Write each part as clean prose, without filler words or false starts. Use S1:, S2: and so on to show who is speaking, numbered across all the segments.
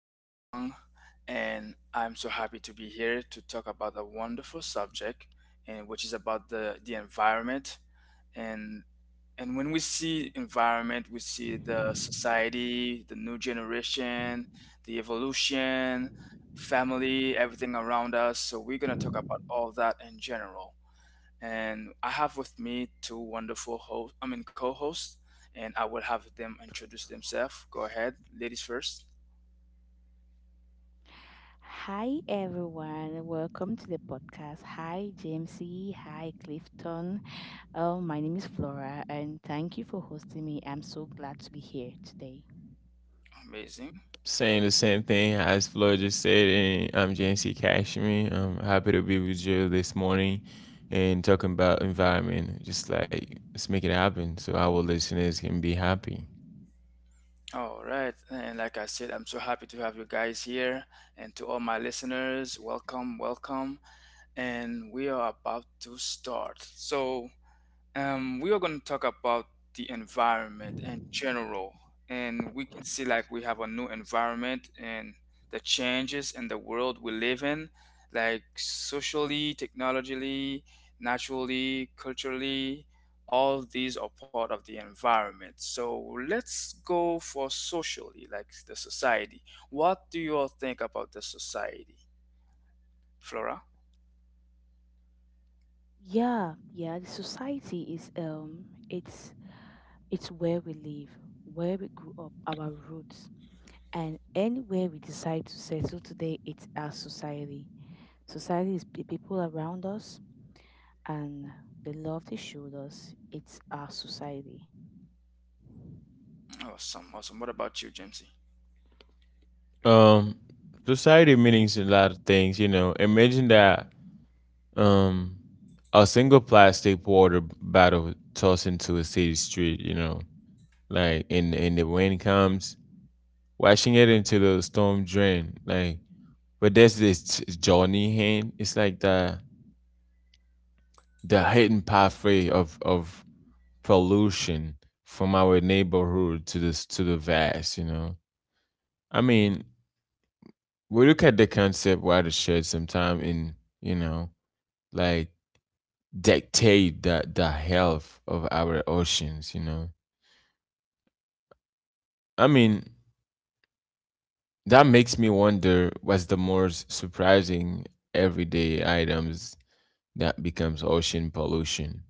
S1: Little Young, and I'm so happy to be here to talk about a wonderful subject, and which is about the environment. And and when we see environment, we see the society, the new generation, the evolution, family, everything around us. So we're gonna talk about all that in general, and I have with me two wonderful hosts. I mean co-hosts, and I will have them introduce themselves. Go ahead, ladies first.
S2: Hi, everyone. Welcome to the podcast. Hi, Jamesy. Hi, Clifton. Oh, my name is Flora, and thank you for hosting me. I'm so glad to be here today.
S1: Amazing.
S3: Saying the same thing as Floyd just said, and I'm JNC Cashman. I'm happy to be with you this morning and talking about environment. Just like let's make it happen so our listeners can be happy.
S1: All right, and like I said, I'm so happy to have you guys here, and to all my listeners, welcome, welcome, and we are about to start. So we are going to talk about the environment in general, and we can see like we have a new environment and the changes in the world we live in, like socially, technologically, naturally, culturally. All these are part of the environment. So let's go for socially, like the society. What do you all think about the society, Flora?
S2: Yeah, yeah. The society is it's where we live, where we grew up, our roots, and anywhere we decide to settle today, it's our society. Society is the people around us and the love they showed us. It's our society.
S1: Awesome, awesome. What about you, Jamesy?
S3: Um, Society means a lot of things, you know. Imagine that um a single plastic water bottle tossed into a city street, you know, like and the wind comes, washing it into the storm drain, like but there's this Johnny Hinn. It's like the hidden pathway of pollution from our neighborhood to this to the vast. You know, I mean, we look at the concept watershed sometime in you know like dictate the health of our oceans. You know, I mean that makes me wonder what's the most surprising everyday items that becomes ocean pollution.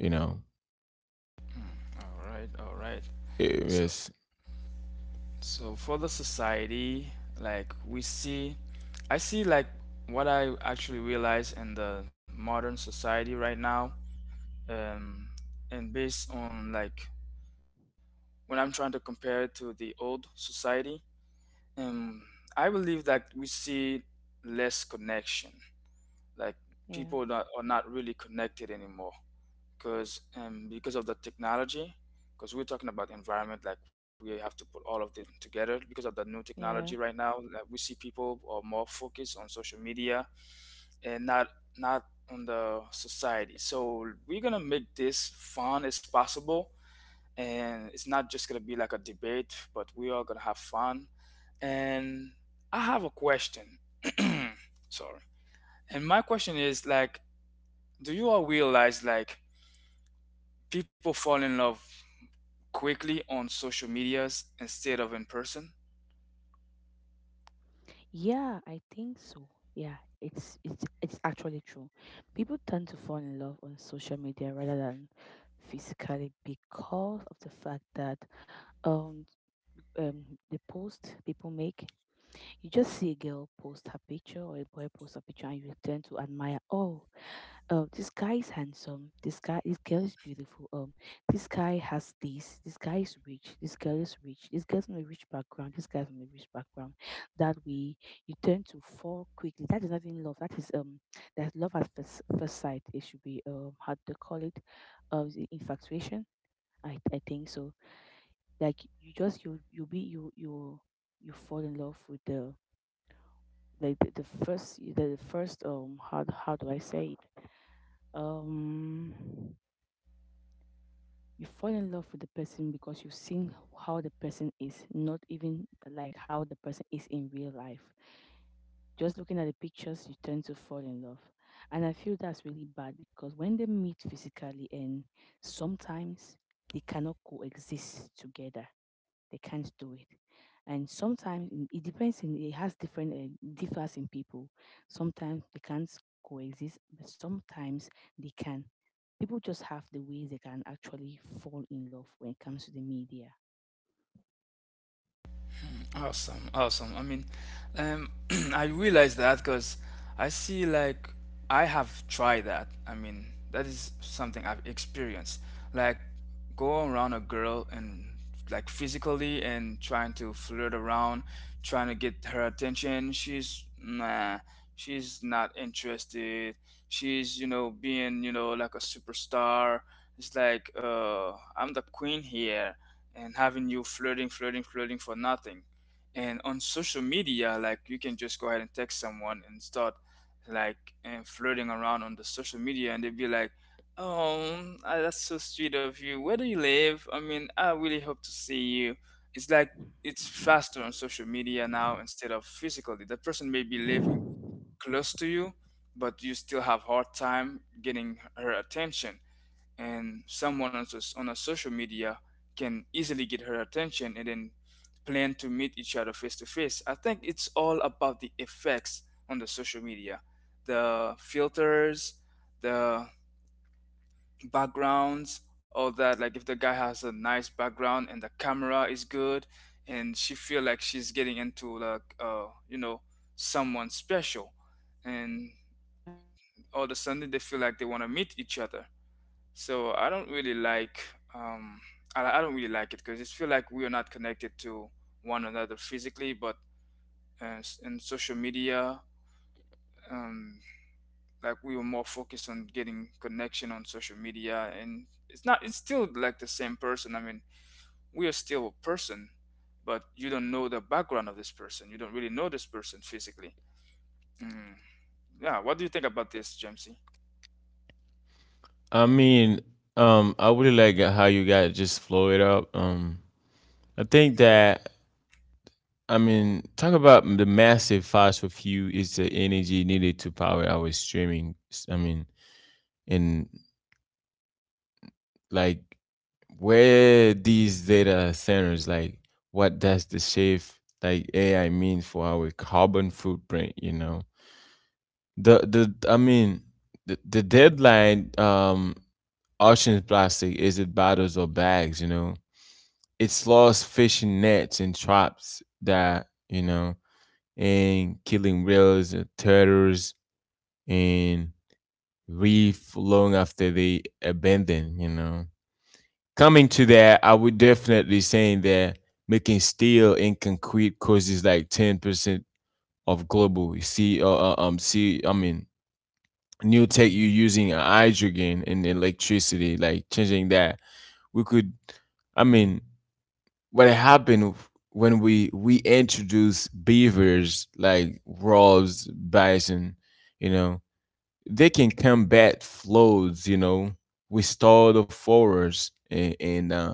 S3: You know,
S1: All right, all right.
S3: it was
S1: So for the society, like we see, I see like what I actually realize in the modern society right now, um, and based on like when I'm trying to compare it to the old society, um, I believe that we see less connection. Like
S2: Yeah,
S1: people that are not really connected anymore because because of the technology, because we're talking about environment, like we have to put all of them together. Because of the new technology
S2: yeah.
S1: right now, like we see, people are more focused on social media and not on the society. So we're gonna make this fun as possible, and it's not just gonna be like a debate, but we are gonna have fun. And I have a question. Sorry. And my question is, like, do you all realize like people fall in love quickly on social medias instead of in person?
S2: Yeah, I think so. Yeah, it's actually true. People tend to fall in love on social media rather than physically because of the fact that um the post people make. You just see a girl post her picture or a boy post a picture and you tend to admire. Oh, this guy is handsome, this girl is beautiful, this guy has this, this guy is rich, this girl is rich, this girl's from a rich background, this guy's from a rich background. That way you tend to fall quickly. That is not even love. That is That's love at first sight. It should be how to call it, is it infatuation. I think so. Like you just you you be you you you fall in love with the, like the first you- the first, how do I say it, um you fall in love with the person because you've seen how the person is, not even like how the person is in real life. Just looking at the pictures you tend to fall in love, and I feel that's really bad because when they meet physically and sometimes they cannot coexist together, they can't do it. And sometimes in- it depends, in it has different, differs in people. Sometimes they can't coexist, but sometimes they can. People just have the ways they can actually fall in love when it comes to the media.
S1: Awesome, awesome. I mean, um, I realize that because I see, like, I have tried that. I mean, that is something I've experienced. Like, go around a girl and like physically and trying to flirt around, trying to get her attention. She's nah, she's not interested. She's being, you know, like a superstar. It's like I'm the queen here, and having you flirting, flirting, flirting for nothing. And on social media, like, you can just go ahead and text someone and start, like, and flirting around on the social media, and they'd be like, "Oh, ah, that's so sweet of you. Where do you live? I mean, I really hope to see you." It's like it's faster on social media now. Instead of physically, the person may be living close to you, but you still have hard time getting her attention. And someone on a social media can easily get her attention and then plan to meet each other face to face. I think it's all about the effects on the social media, the filters, the backgrounds, all that. Like, if the guy has a nice background and the camera is good, and she feel like she's getting into like someone special, and
S2: Yeah.
S1: all of a sudden they feel like they want to meet each other. So I don't really like, um I don't really like it because it's feel like we are not connected to one another physically, but in social media, um, like, we were more focused on getting connection on social media. And it's not it's still like the same person. I mean, we are still a person, but you don't know the background of this person. You don't really know this person physically. Mm. Yeah, what do you think about this, Jamesy?
S3: I mean, I really like how you guys just flow it up. I think that I mean, talk about the massive fossil fuel is the energy needed to power our streaming. I mean, and like where these data centers, like what does the shift like AI mean for our carbon footprint? You know, the I mean, the deadline ocean plastic is it bottles or bags? You know, it's lost fishing nets and traps that, you know, and killing whales and turtles and reef long after they abandon, you know. Coming to that, I would definitely say that making steel and concrete causes like 10% of global see see I mean new tech you using hydrogen and electricity like changing that we could I mean what happened when we introduce beavers like wolves, bison, you know, they can combat floods. You know, we store the forest, and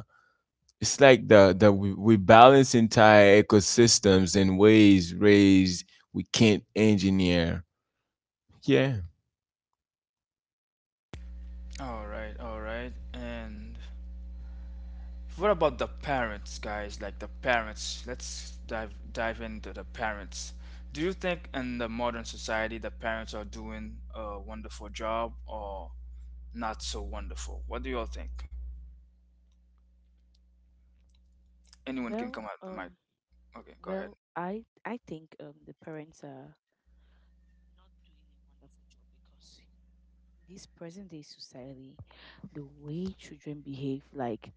S3: it's like the we balance entire ecosystems in ways raised we can't engineer. Yeah.
S1: All right, all right. And what about the parents, guys? Like the parents. Let's dive into the parents. Do you think in the modern society the parents are doing a wonderful job or not so wonderful? What do you all think? Anyone can
S2: well
S1: come out the mic.
S2: um
S1: Okay, go ahead.
S2: Well, I think the parents are not doing a wonderful job because in this present day society, the way children behave, like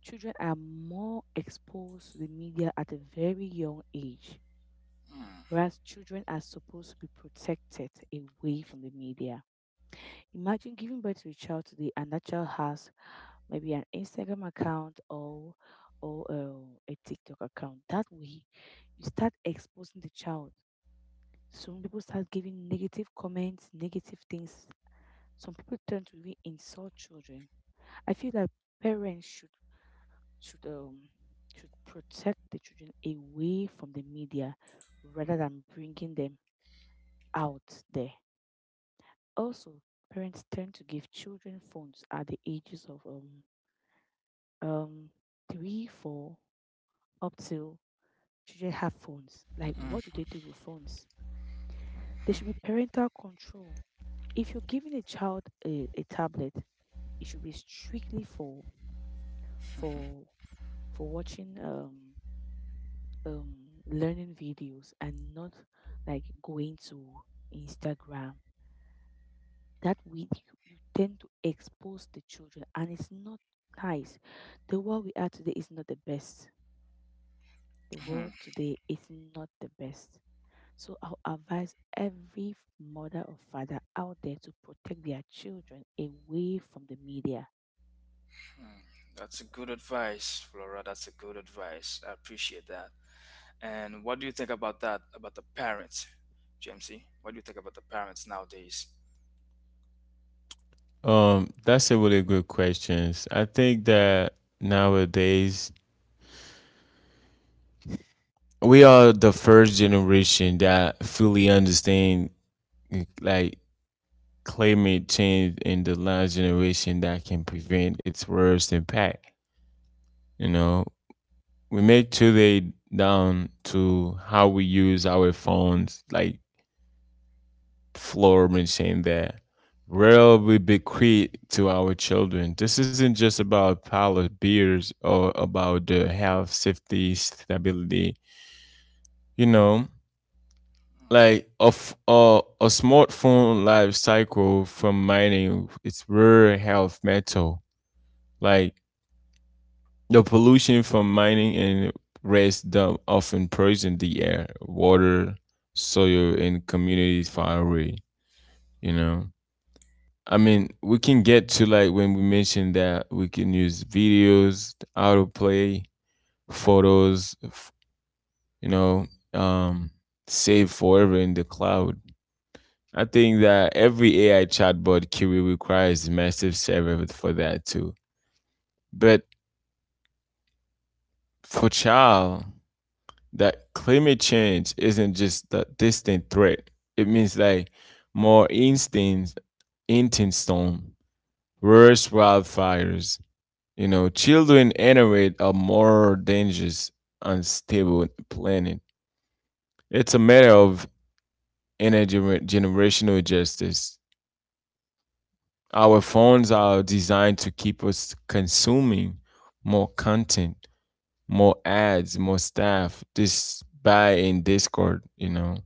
S2: children are more exposed to the media at a very young age,
S1: Hmm.
S2: whereas children are supposed to be protected away from the media. Imagine giving birth to a child today, and that child has maybe an Instagram account or a TikTok account. That way, you start exposing the child. Some people start giving negative comments, negative things. Some people tend to really insult children. I feel like parents should um should protect the children away from the media rather than bringing them out there. Also, parents tend to give children phones at the ages of um three, four, up till children have phones. Like, what do they do with phones? There should be parental control. If you're giving a child a tablet, it should be strictly for for watching um learning videos and not like going to Instagram. That way you tend to expose the children and it's not nice. The world we are today is not the best. The
S1: Hmm.
S2: world today is not the best. So I'll advise every mother or father out there to protect their children away from the media.
S1: That's a good advice, Flora. That's a good advice. I appreciate that. And what do you think about that? About the parents, Jamesy? What do you think about the parents nowadays?
S3: That's a really good question. I think that nowadays we are the first generation that fully understand like climate change in the last generation that can prevent its worst impact. You know, we made today down to how we use our phones, like floor mentioned that will we bequeath to our children. This isn't just about pile of beers or about the health, safety, stability. You know, like a smartphone life cycle from mining, it's rare health metal. Like the pollution from mining and waste dump often poison the air, water, soil, and communities far away. You know, I mean, we can get to like when we mentioned that we can use videos, autoplay, photos, f- you know, um, save forever in the cloud. I think that every AI chatbot query requires massive server for that too. But for child, that climate change isn't just a distant threat. It means like more instant, intense storm, worse wildfires. You know, children inherit a more dangerous, unstable planet. It's a matter of intergenerational justice. Our phones are designed to keep us consuming more content, more ads, more staff, this buy in Discord, you know.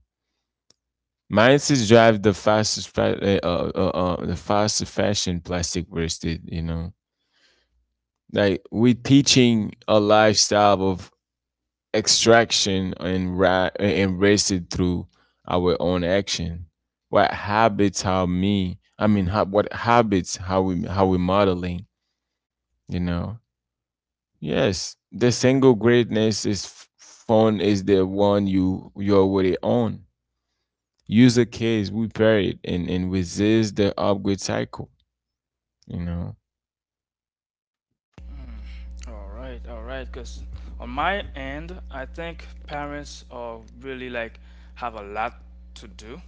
S3: Mine says drive the fastest, the fastest fashion plastic wasted. You know, like we teaching a lifestyle of extraction and and wasted through our own action. What habits? How me? I mean, how, what habits? How we? How we modeling? You know. Yes, the single greatness is phone is the one you already own. Use a case we pair it and resist the upgrade cycle, you know.
S1: All right, all right. Because on my end, I think parents are really like have a lot to do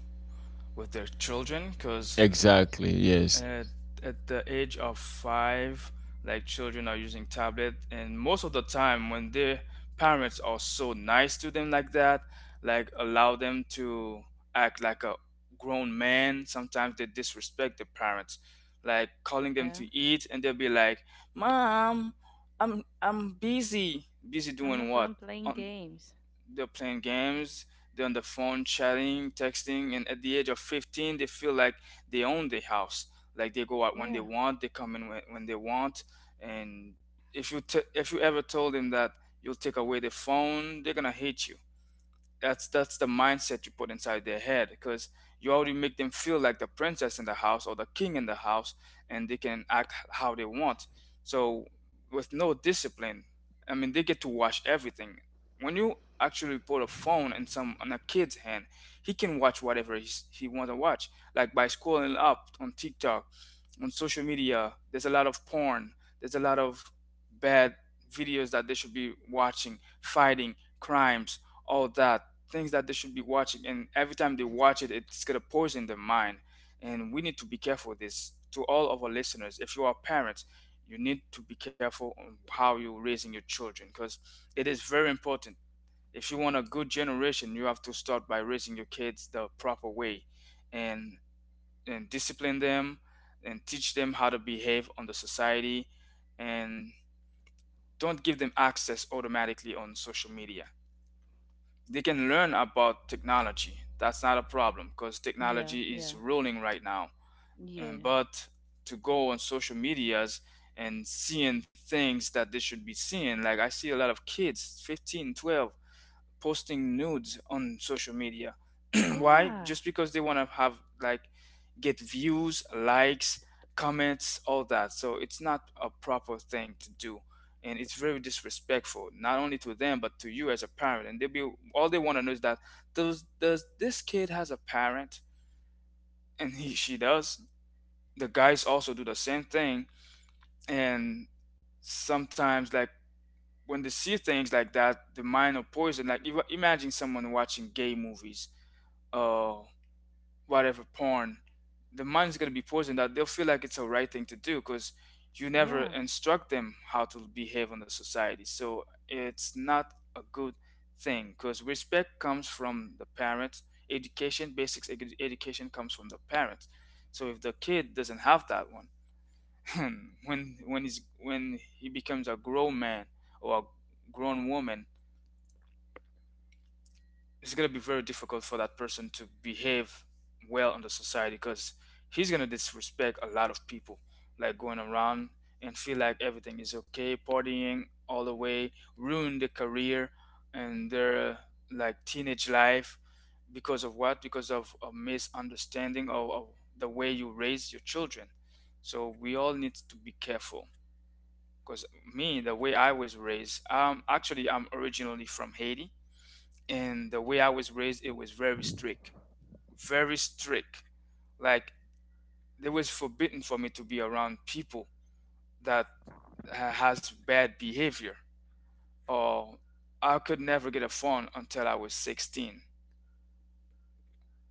S1: with their children because.
S3: Exactly,
S1: Exactly. At,
S3: yes.
S1: yes. At the age of 5, like, children are using tablet, and most of the time when their parents are so nice to them like that, like allow them to act like a grown man. Sometimes they disrespect the parents, like calling them to
S2: Yeah.
S1: eat, and they'll be like, "Mom, I'm busy, busy doing
S2: I'm not
S1: what?"
S2: done playing
S1: On
S2: games.
S1: They're playing games, they're on the phone chatting, texting, and at the age of 15, they feel like they own the house. Like, they go out when they
S2: Yeah,
S1: want, they come in when they want. And if you ever told them that you'll take away the phone, they're gonna hate you. That's the mindset you put inside their head, because you already make them feel like the princess in the house or the king in the house, and they can act how they want. So, with no discipline, I mean, they get to watch everything. When you actually put a phone in some on a kid's hand, he can watch whatever he wants to watch. Like, by scrolling up on TikTok, on social media, there's a lot of porn, there's a lot of bad videos that they should be watching, fighting, crimes, all that, things that they should be watching. And every time they watch it, it's gonna poison their mind. And we need to be careful with this. To all of our listeners, if you are parents, you need to be careful on how you're raising your children, because it is very important. If you want a good generation, you have to start by raising your kids the proper way, and discipline them, and teach them how to behave on the society, and don't give them access automatically on social media. They can learn about technology, that's not a problem, because
S2: Yeah,
S1: technology is
S2: yeah,
S1: ruling right now. And,
S2: yeah,
S1: but to go on social medias and seeing things that they should be seeing, like, I see a lot of kids, 15, 12, posting nudes on social media. Why?
S2: yeah,
S1: Just because they want to have like get views, likes, comments, all that. So it's not a proper thing to do. And it's very disrespectful, not only to them, but to you as a parent. And they'll be, all they want to know is that, does this kid has a parent? And he, she does. The guys also do the same thing. And sometimes, like, when they see things like that, the mind of poison. Like, imagine someone watching gay movies, uh, whatever, porn. The mind's gonna be poisoned, that they'll feel like it's a right thing to do, because you
S2: yeah,
S1: never instruct them how to behave in the society. So, it's not a good thing, because respect comes from the parents. Education, basics education comes from the parents. So, if the kid doesn't have that one, when he becomes a grown man or a grown woman, it's going to be very difficult for that person to behave well in the society, because he's going to disrespect a lot of people, like, going around and feel like everything is okay, partying all the way, ruin their career and their, like, teenage life, because of what? Because of a misunderstanding of, the way you raise your children. So we all need to be careful. Because me, the way I was raised, actually I'm originally from Haiti, and the way I was raised, it was very strict, very strict. Like, it was forbidden for me to be around people that has bad behavior. Or, I could never get a phone until I was 16.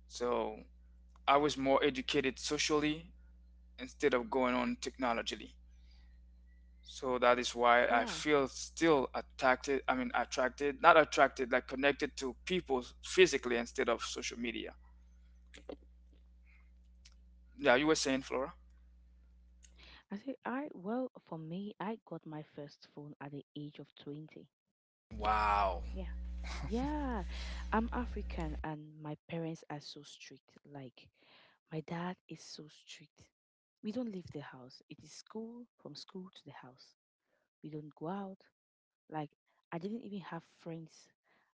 S1: So I was more educated socially instead of going on technologically. So that is why I
S2: yeah.
S1: feel still attracted. I mean, attracted, not attracted, like, connected to people physically instead of social media. Yeah, you were saying, Flora.
S2: I say, I well, for me, I got my first phone at the age of 20.
S1: Wow.
S2: Yeah, yeah. I'm African and my parents are so strict. Like, my dad is so strict. We don't leave the house. It is school, from school to the house. We don't go out. Like, I didn't even have friends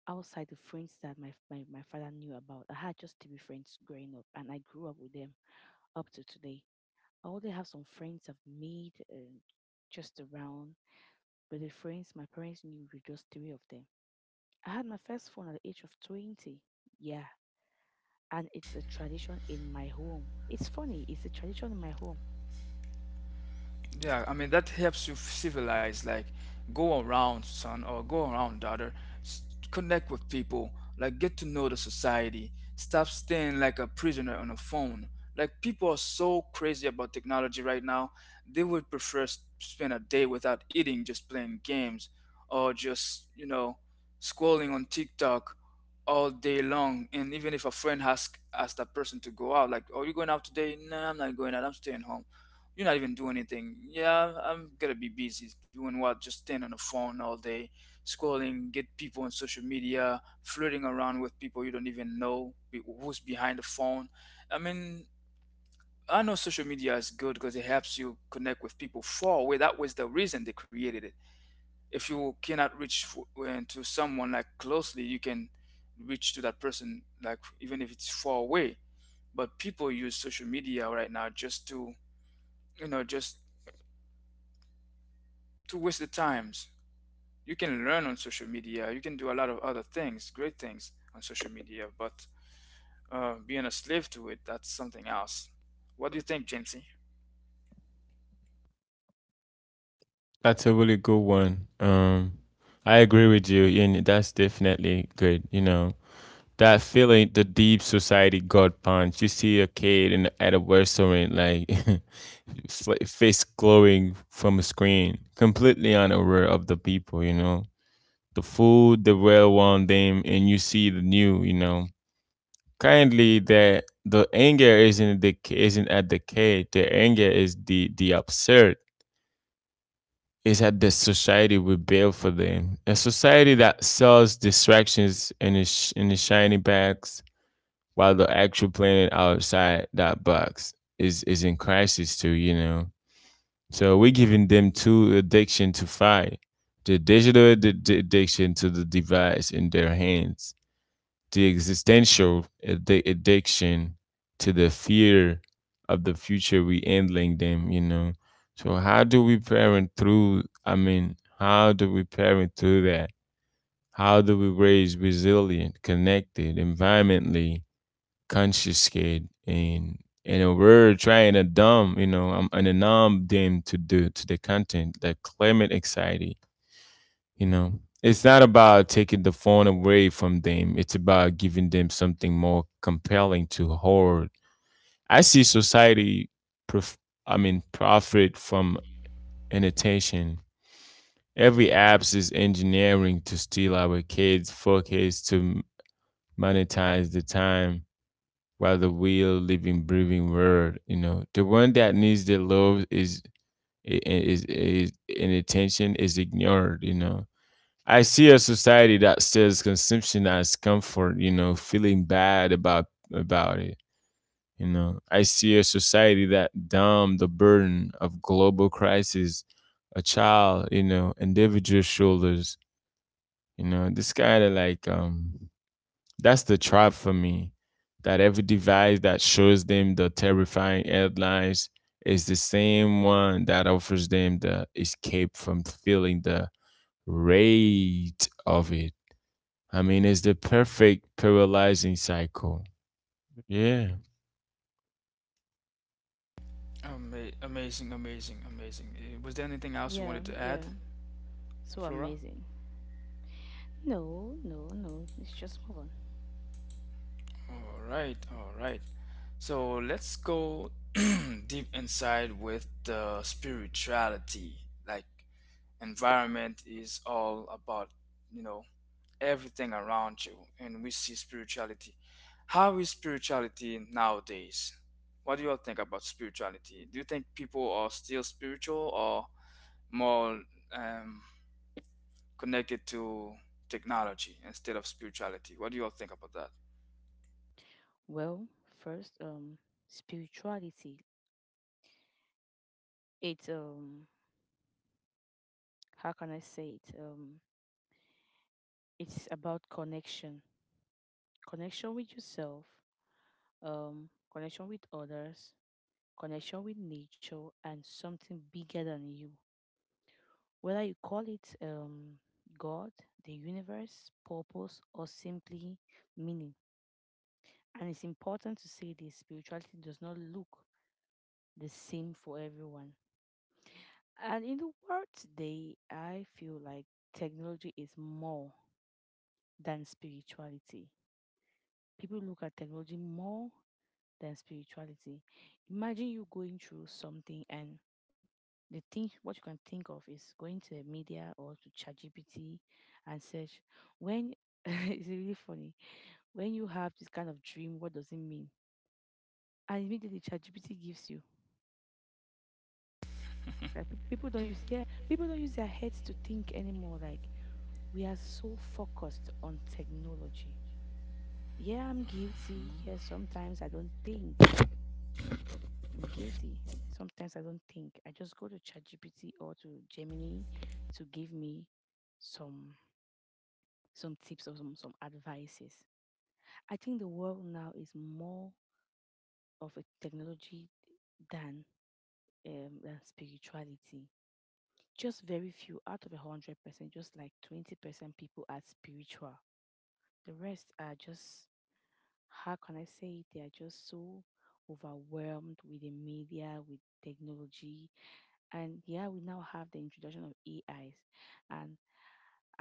S2: outside the friends that my father knew about. I had just to be friends growing up and I grew up with them, up to today. I already have some friends I've made, just around, but the friends my parents knew were just three of them. I had my first phone at the age of 20. Yeah, and it's a tradition in my home. It's funny, it's a tradition in my home.
S1: Yeah, I mean, that helps you civilize, like, go around, son, or go around, daughter. S- Connect with people, like, get to know the society. Stop staying like a prisoner on a phone. Like, people are so crazy about technology right now, they would prefer spend a day without eating, just playing games, or just scrolling on TikTok all day long. And even if a friend asks that person to go out, like, "Are you going out today?" "No, I'm not going out. I'm staying home." "You're not even doing anything." "Yeah." "I'm gonna be busy doing what?" Just staying on the phone all day, scrolling, get people on social media, flirting around with people you don't even know who's behind the phone. I mean, I know social media is good because it helps you connect with people far away. That was the reason they created it. If you cannot reach to someone like closely, you can reach to that person like even if it's far away. But people use social media right now just to waste the times. You can learn on social media. You can do a lot of other things, great things on social media. But being a slave to it, that's something else. What do you think, Jamesy?
S3: That's a really good one. I agree with you and that's definitely good, you know, that feeling the deep society god punch. You see a kid in at a restaurant, like face glowing from a screen, completely unaware of the people, you know, the food, the well around them. And you see the new, you know, kindly that the anger isn't the isn't at the kid. The anger is the absurd is that the society we build for them. A society that sells distractions in the, in the shiny bags, while the actual planet outside that box is in crisis too, you know. So we're giving them two addiction to fight. The digital addiction to the device in their hands, the existential addiction to the fear of the future we handling them, you know. So how do we parent through, I mean, how do we parent through that? How do we raise resilient, connected, environmentally conscious kid and in a word trying to dumb, you know, I'm in a numb them to do to the content, the climate anxiety, you know. It's not about taking the phone away from them, it's about giving them something more compelling to hoard. I see society, prof- I mean, profit from inattention. Every apps is engineering to steal our kids' focus to monetize the time while the real living, breathing world, you know, the one that needs the love i- is and attention is ignored. You know, I see a society that says consumption as comfort, you know, feeling bad about it, you know. I see a society that dumb the burden of global crisis a child, you know, individual shoulders, you know. This kind of like that's the trap for me. That every device that shows them the terrifying headlines is the same one that offers them the escape from feeling the rage of it. I mean, it's the perfect paralyzing cycle. Yeah.
S1: Amazing, amazing, amazing. Was there anything else you
S2: Yeah,
S1: wanted to add,
S2: yeah. So
S1: Flora?
S2: amazing. No, no, no. Let's just move on.
S1: All right, all right. So let's go deep inside with the spirituality. Like environment is all about, you know, everything around you and we see spirituality. How is spirituality nowadays? What do you all think about spirituality? Do you think people are still spiritual or more um, connected to technology instead of spirituality? What do you all think about that?
S2: Well, first, spirituality. It's, how can I say it? It's about connection, connection with yourself, connection with others, connection with nature, and something bigger than you. Whether you call it, God, the universe, purpose, or simply meaning. And it's important to say this spirituality does not look the same for everyone. And in the world today, I feel like technology is more than spirituality. People look at technology more than spirituality. Imagine you going through something, and the thing what you can think of is going to the media or to ChatGPT and search, when it's really funny. When you have this kind of dream, what does it mean? And immediately ChatGPT gives you. Like people don't use, yeah, people don't use their heads to think anymore. Like we are so focused on technology. Yeah, I'm guilty. Yeah, sometimes I don't think. I'm guilty. Sometimes I don't think. I just go to ChatGPT or to Gemini to give me some some tips or some advices. I think the world now is more of a technology than, than spirituality. Just very few out of 100%, just like 20% people are spiritual. The rest are just, how can I say it? They are just so overwhelmed with the media, with technology, and yeah, we now have the introduction of AIs, and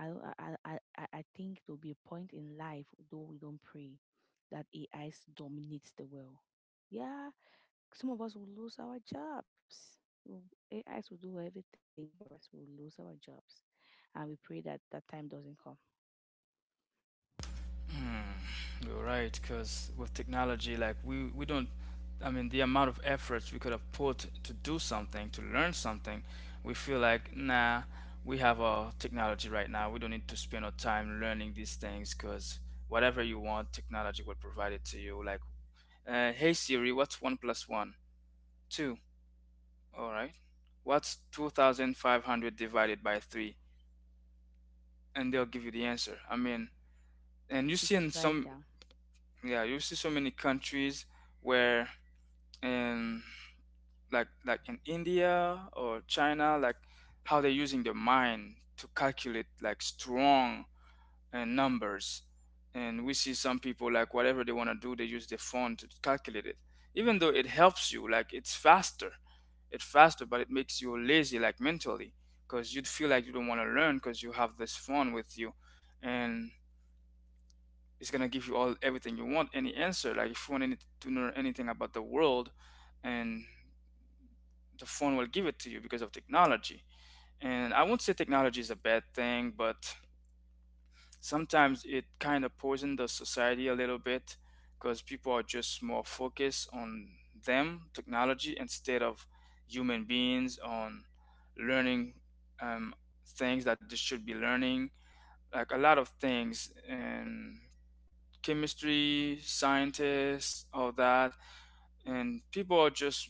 S2: I, I think there'll be a point in life, though we don't pray, that AI dominates the world. Yeah, some of us will lose our jobs. Will- AIs will do everything for us. We'll lose our jobs. And we pray that that time doesn't come.
S1: Hmm, you're right, because with technology, like we don't, I mean, the amount of efforts we could have put to do something, to learn something, we feel like nah, we have our technology right now. We don't need to spend our time learning these things, because whatever you want, technology will provide it to you. Like, hey Siri, what's one plus one? Two. All right. What's 2,500 divided by three? And they'll give you the answer. I mean,
S2: You
S1: and you
S2: just
S1: see
S2: write
S1: in
S2: it down.
S1: some yeah, you see so many countries where in like in India or China, like how they're using the mind to calculate like strong numbers. And we see some people, like whatever they want to do, they use their phone to calculate it. Even though it helps you, like it's faster, but it makes you lazy, like mentally, because you'd feel like you don't want to learn because you have this phone with you, and it's gonna give you all everything you want, any answer. Like if you want any, to know anything about the world, and the phone will give it to you because of technology. And I won't say technology is a bad thing, but sometimes it kind of poisons the society a little bit because people are just more focused on them, technology, instead of human beings on learning um, things that they should be learning, like a lot of things. And chemistry, scientists, all that. And people are just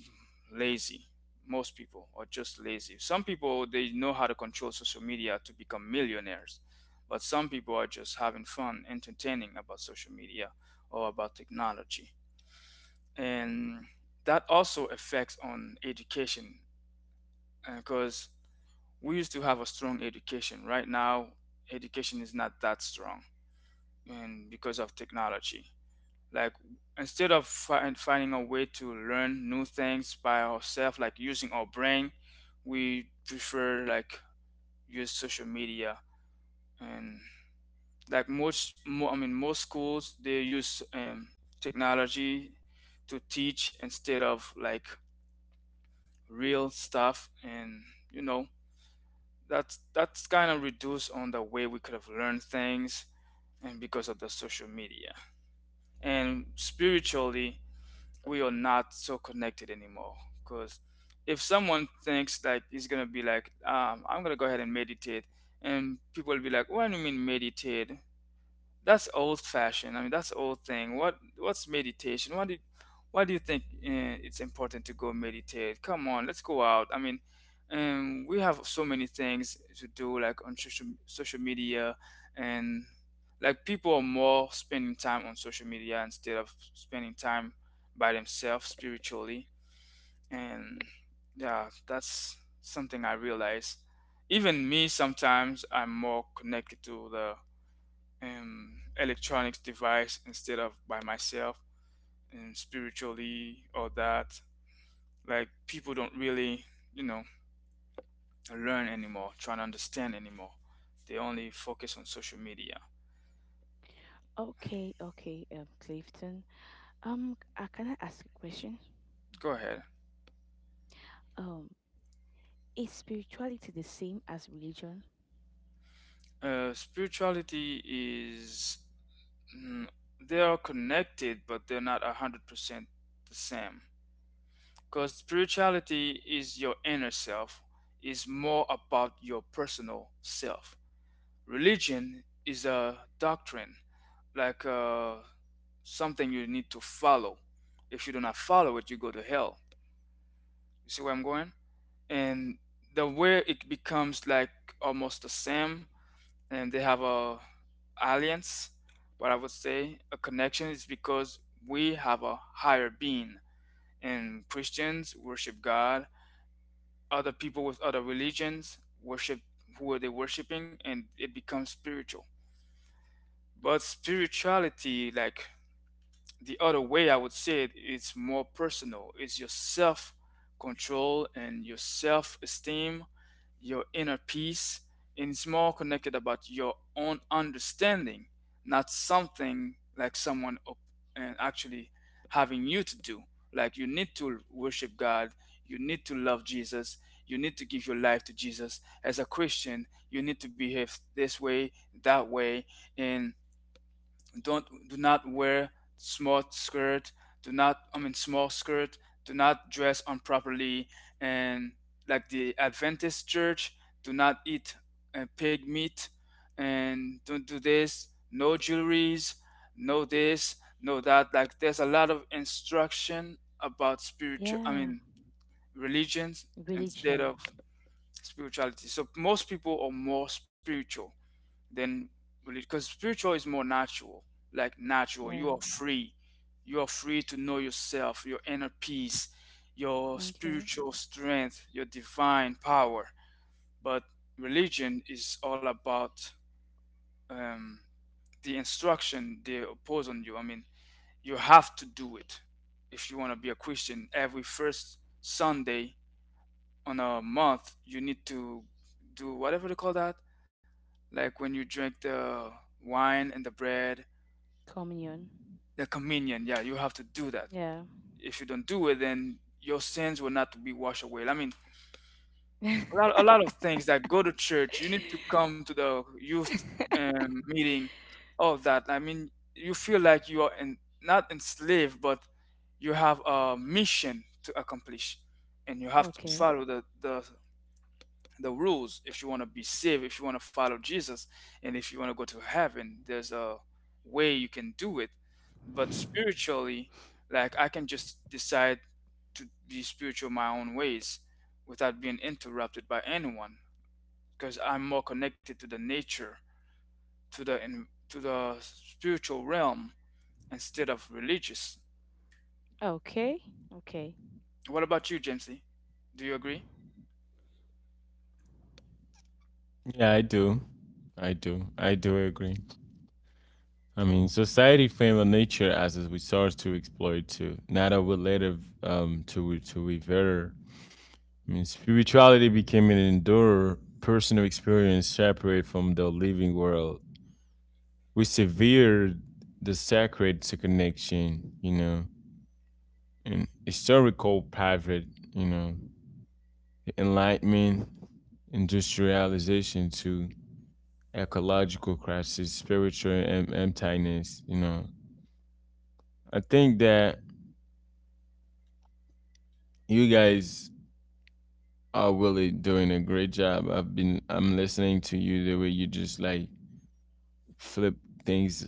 S1: lazy. Most people are just lazy. Some people, they know how to control social media to become millionaires. But some people are just having fun, entertaining about social media or about technology. And that also affects on education because we used to have a strong education. Right now, education is not that strong, and because of technology, like instead of finding a way to learn new things by ourselves, like using our brain, we prefer like use social media. And like I mean most schools, they use technology to teach instead of like real stuff. And you know that's kind of reduced on the way we could have learned things, and because of the social media. And spiritually, we are not so connected anymore. Because if someone thinks like he's gonna be like, I'm gonna go ahead and meditate, and people will be like, What do you mean meditate? That's old fashioned. I mean, that's old thing. What's meditation? Why do you think it's important to go meditate? Come on, let's go out. I mean, we have so many things to do, like on social media, and like people are more spending time on social media instead of spending time by themselves spiritually. And yeah, that's something I realize. Even me, sometimes I'm more connected to the electronics device instead of by myself, and spiritually. Or that like people don't really you know learn anymore, try to understand anymore. They only focus on social media.
S2: Okay, okay, Clifton. Can I ask a question?
S1: Go ahead.
S2: Um, is spirituality the same as religion?
S1: Spirituality is, mm, they are connected but they're not 100% the same, because spirituality is your inner self, is more about your personal self. Religion is a doctrine, like something you need to follow. If you do not follow it, you go to hell. You see where I'm going? And the way it becomes like almost the same, and they have a alliance, but I would say a connection is because we have a higher being, and Christians worship God. Other people with other religions worship who are they worshiping, and it becomes spiritual. But spirituality, like the other way I would say it, it's more personal. It's your self control and your self esteem, your inner peace, and it's more connected about your own understanding, not something like someone up and actually having you to do. Like you need to worship God, you need to love Jesus, you need to give your life to Jesus. As a Christian, you need to behave this way, that way, and don't do not wear small skirt, do not, I mean, small skirt, do not dress improperly. And like the Adventist church do not eat pig meat, and don't do this, no jewelries, no this, no that. Like there's a lot of instruction about spiritual, I
S2: Yeah,
S1: mean, religions instead
S2: religion.
S1: of spirituality. So most people are more spiritual then, because spiritual is more natural, like natural
S2: Yeah.
S1: you are free. You are free to know yourself, your inner peace, your
S2: Okay.
S1: spiritual strength, your divine power. But religion is all about um, the instruction they impose on you. I mean, you have to do it. If you want to be a Christian, every first Sunday on a month, you need to do whatever they call that, like when you drink the wine and the bread,
S2: Communion.
S1: the communion. Yeah, you have to do that.
S2: Yeah.
S1: If you don't do it, then your sins will not be washed away. I mean, a lot of things that go to church. You need to come to the youth meeting, all of that. I mean, you feel like you are in, not enslaved, but you have a mission to accomplish, and you have to
S2: Okay.
S1: follow the rules if you want to be saved, if you want to follow Jesus, and if you want to go to heaven, there's a way you can do it. But spiritually, like I can just decide to be spiritual my own ways without being interrupted by anyone, because I'm more connected to the nature, to the to the spiritual realm instead of religious.
S2: Okay. Okay.
S1: What about you, Jamesy? Do you agree?
S3: Yeah, I do. I do. I do agree. I mean, society favor nature as a resource to exploit too, not a relative to revere. I mean, spirituality became an endurer personal experience separate from the living world. We severed the sacred to connection, you know, and historical private, you know, the Enlightenment, industrialization to ecological crisis, spiritual emptiness. You know, I think that you guys are really doing a great job. I'm listening to you the way you just like flip things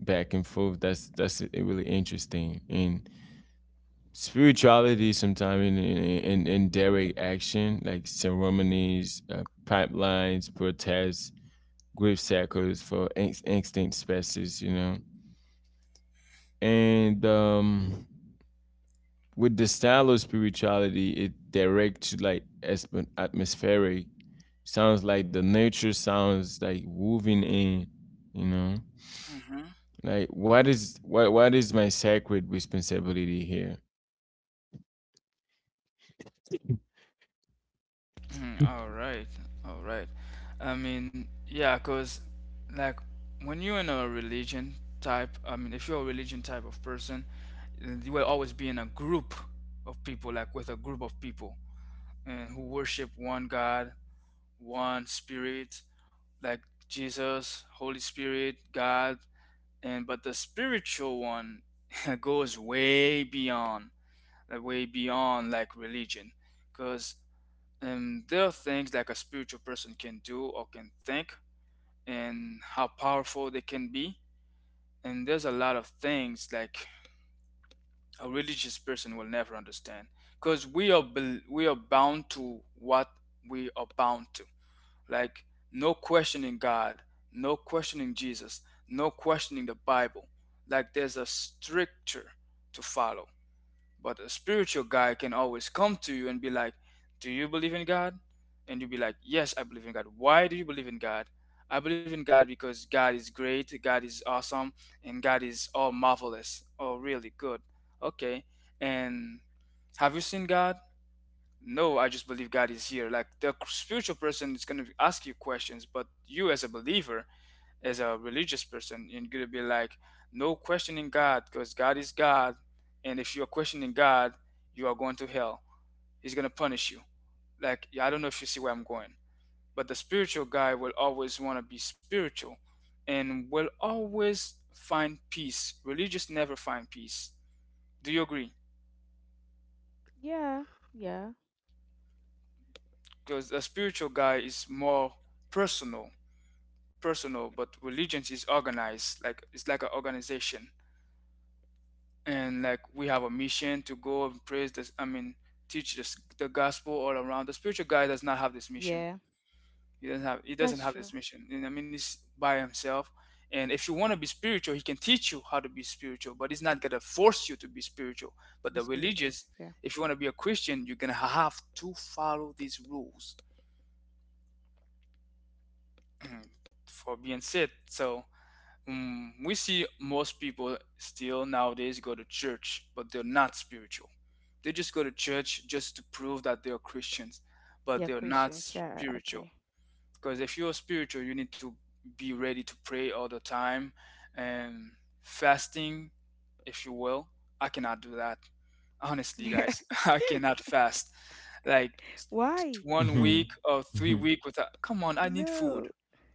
S3: back and forth. That's really interesting. And spirituality sometimes in direct action like ceremonies, pipelines, protests, grave sackers for extinct species, you know. And with the style of spirituality, it direct to like atmospheric. Sounds like the nature sounds like woven in, you know.
S1: Hmm.
S3: Like what is what is my sacred responsibility here?
S1: All right, all right. I mean, yeah, because like when you're in a religion type, I mean, if you're a religion type of person, then you will always be in a group of people, like with a group of people, and who worship one God, one spirit, like Jesus, Holy Spirit, God. And but the spiritual one goes way beyond like religion. Because and there are things like a spiritual person can do or can think, and how powerful they can be. And there's a lot of things like a religious person will never understand, because we are bound to what we are bound to. Like no questioning God, no questioning Jesus, no questioning the Bible. Like there's a stricture to follow. But a spiritual guy can always come to you and be like, Do you believe in God? And you'll be like, Yes, I believe in God. Why do you believe in God? I believe in God because God is great, God is awesome, and God is all marvelous. Oh, really good. Okay. And have you seen God? No, I just believe God is here. Like the spiritual person is going to ask you questions, but you as a believer, as a religious person you're gonna be like, no questioning God because God is God. And if you're questioning God, you are going to hell. He's gonna punish you. Like, yeah, I don't know if you see where I'm going, but the spiritual guy will always want to be spiritual and will always find peace. Religious never find peace. Do you agree?
S2: Yeah. Yeah.
S1: Because the spiritual guy is more personal personal. But religion is organized, like it's like an organization. And like we have a mission to go and praise this, I mean, teach this, the gospel all around. The spiritual guy does not have this mission.
S2: Yeah.
S1: he doesn't have he doesn't
S2: That's
S1: have this
S2: true.
S1: mission. And I mean, he's by himself. And if you want to be spiritual, he can teach you how to be spiritual, but he's not going to force you to be spiritual.
S2: To
S1: But
S2: be
S1: the
S2: spiritual.
S1: religious,
S2: Yeah.
S1: if you want to be a Christian, you're going to have to follow these rules for being saved. So we see most people still nowadays go to church, but they're not spiritual. They just go to church just to prove that they are Christians,
S2: They are
S1: but they're not
S2: Christians. Yeah, I agree.
S1: spiritual. Because if you're spiritual, you need to be ready to pray all the time and fasting, if you will. I cannot do that. Honestly,
S2: Yeah.
S1: guys, I cannot fast. Like
S2: Why?
S1: 1 week
S3: Mm-hmm.
S1: or three
S3: Mm-hmm.
S1: week without. Come on, I need food.
S2: No.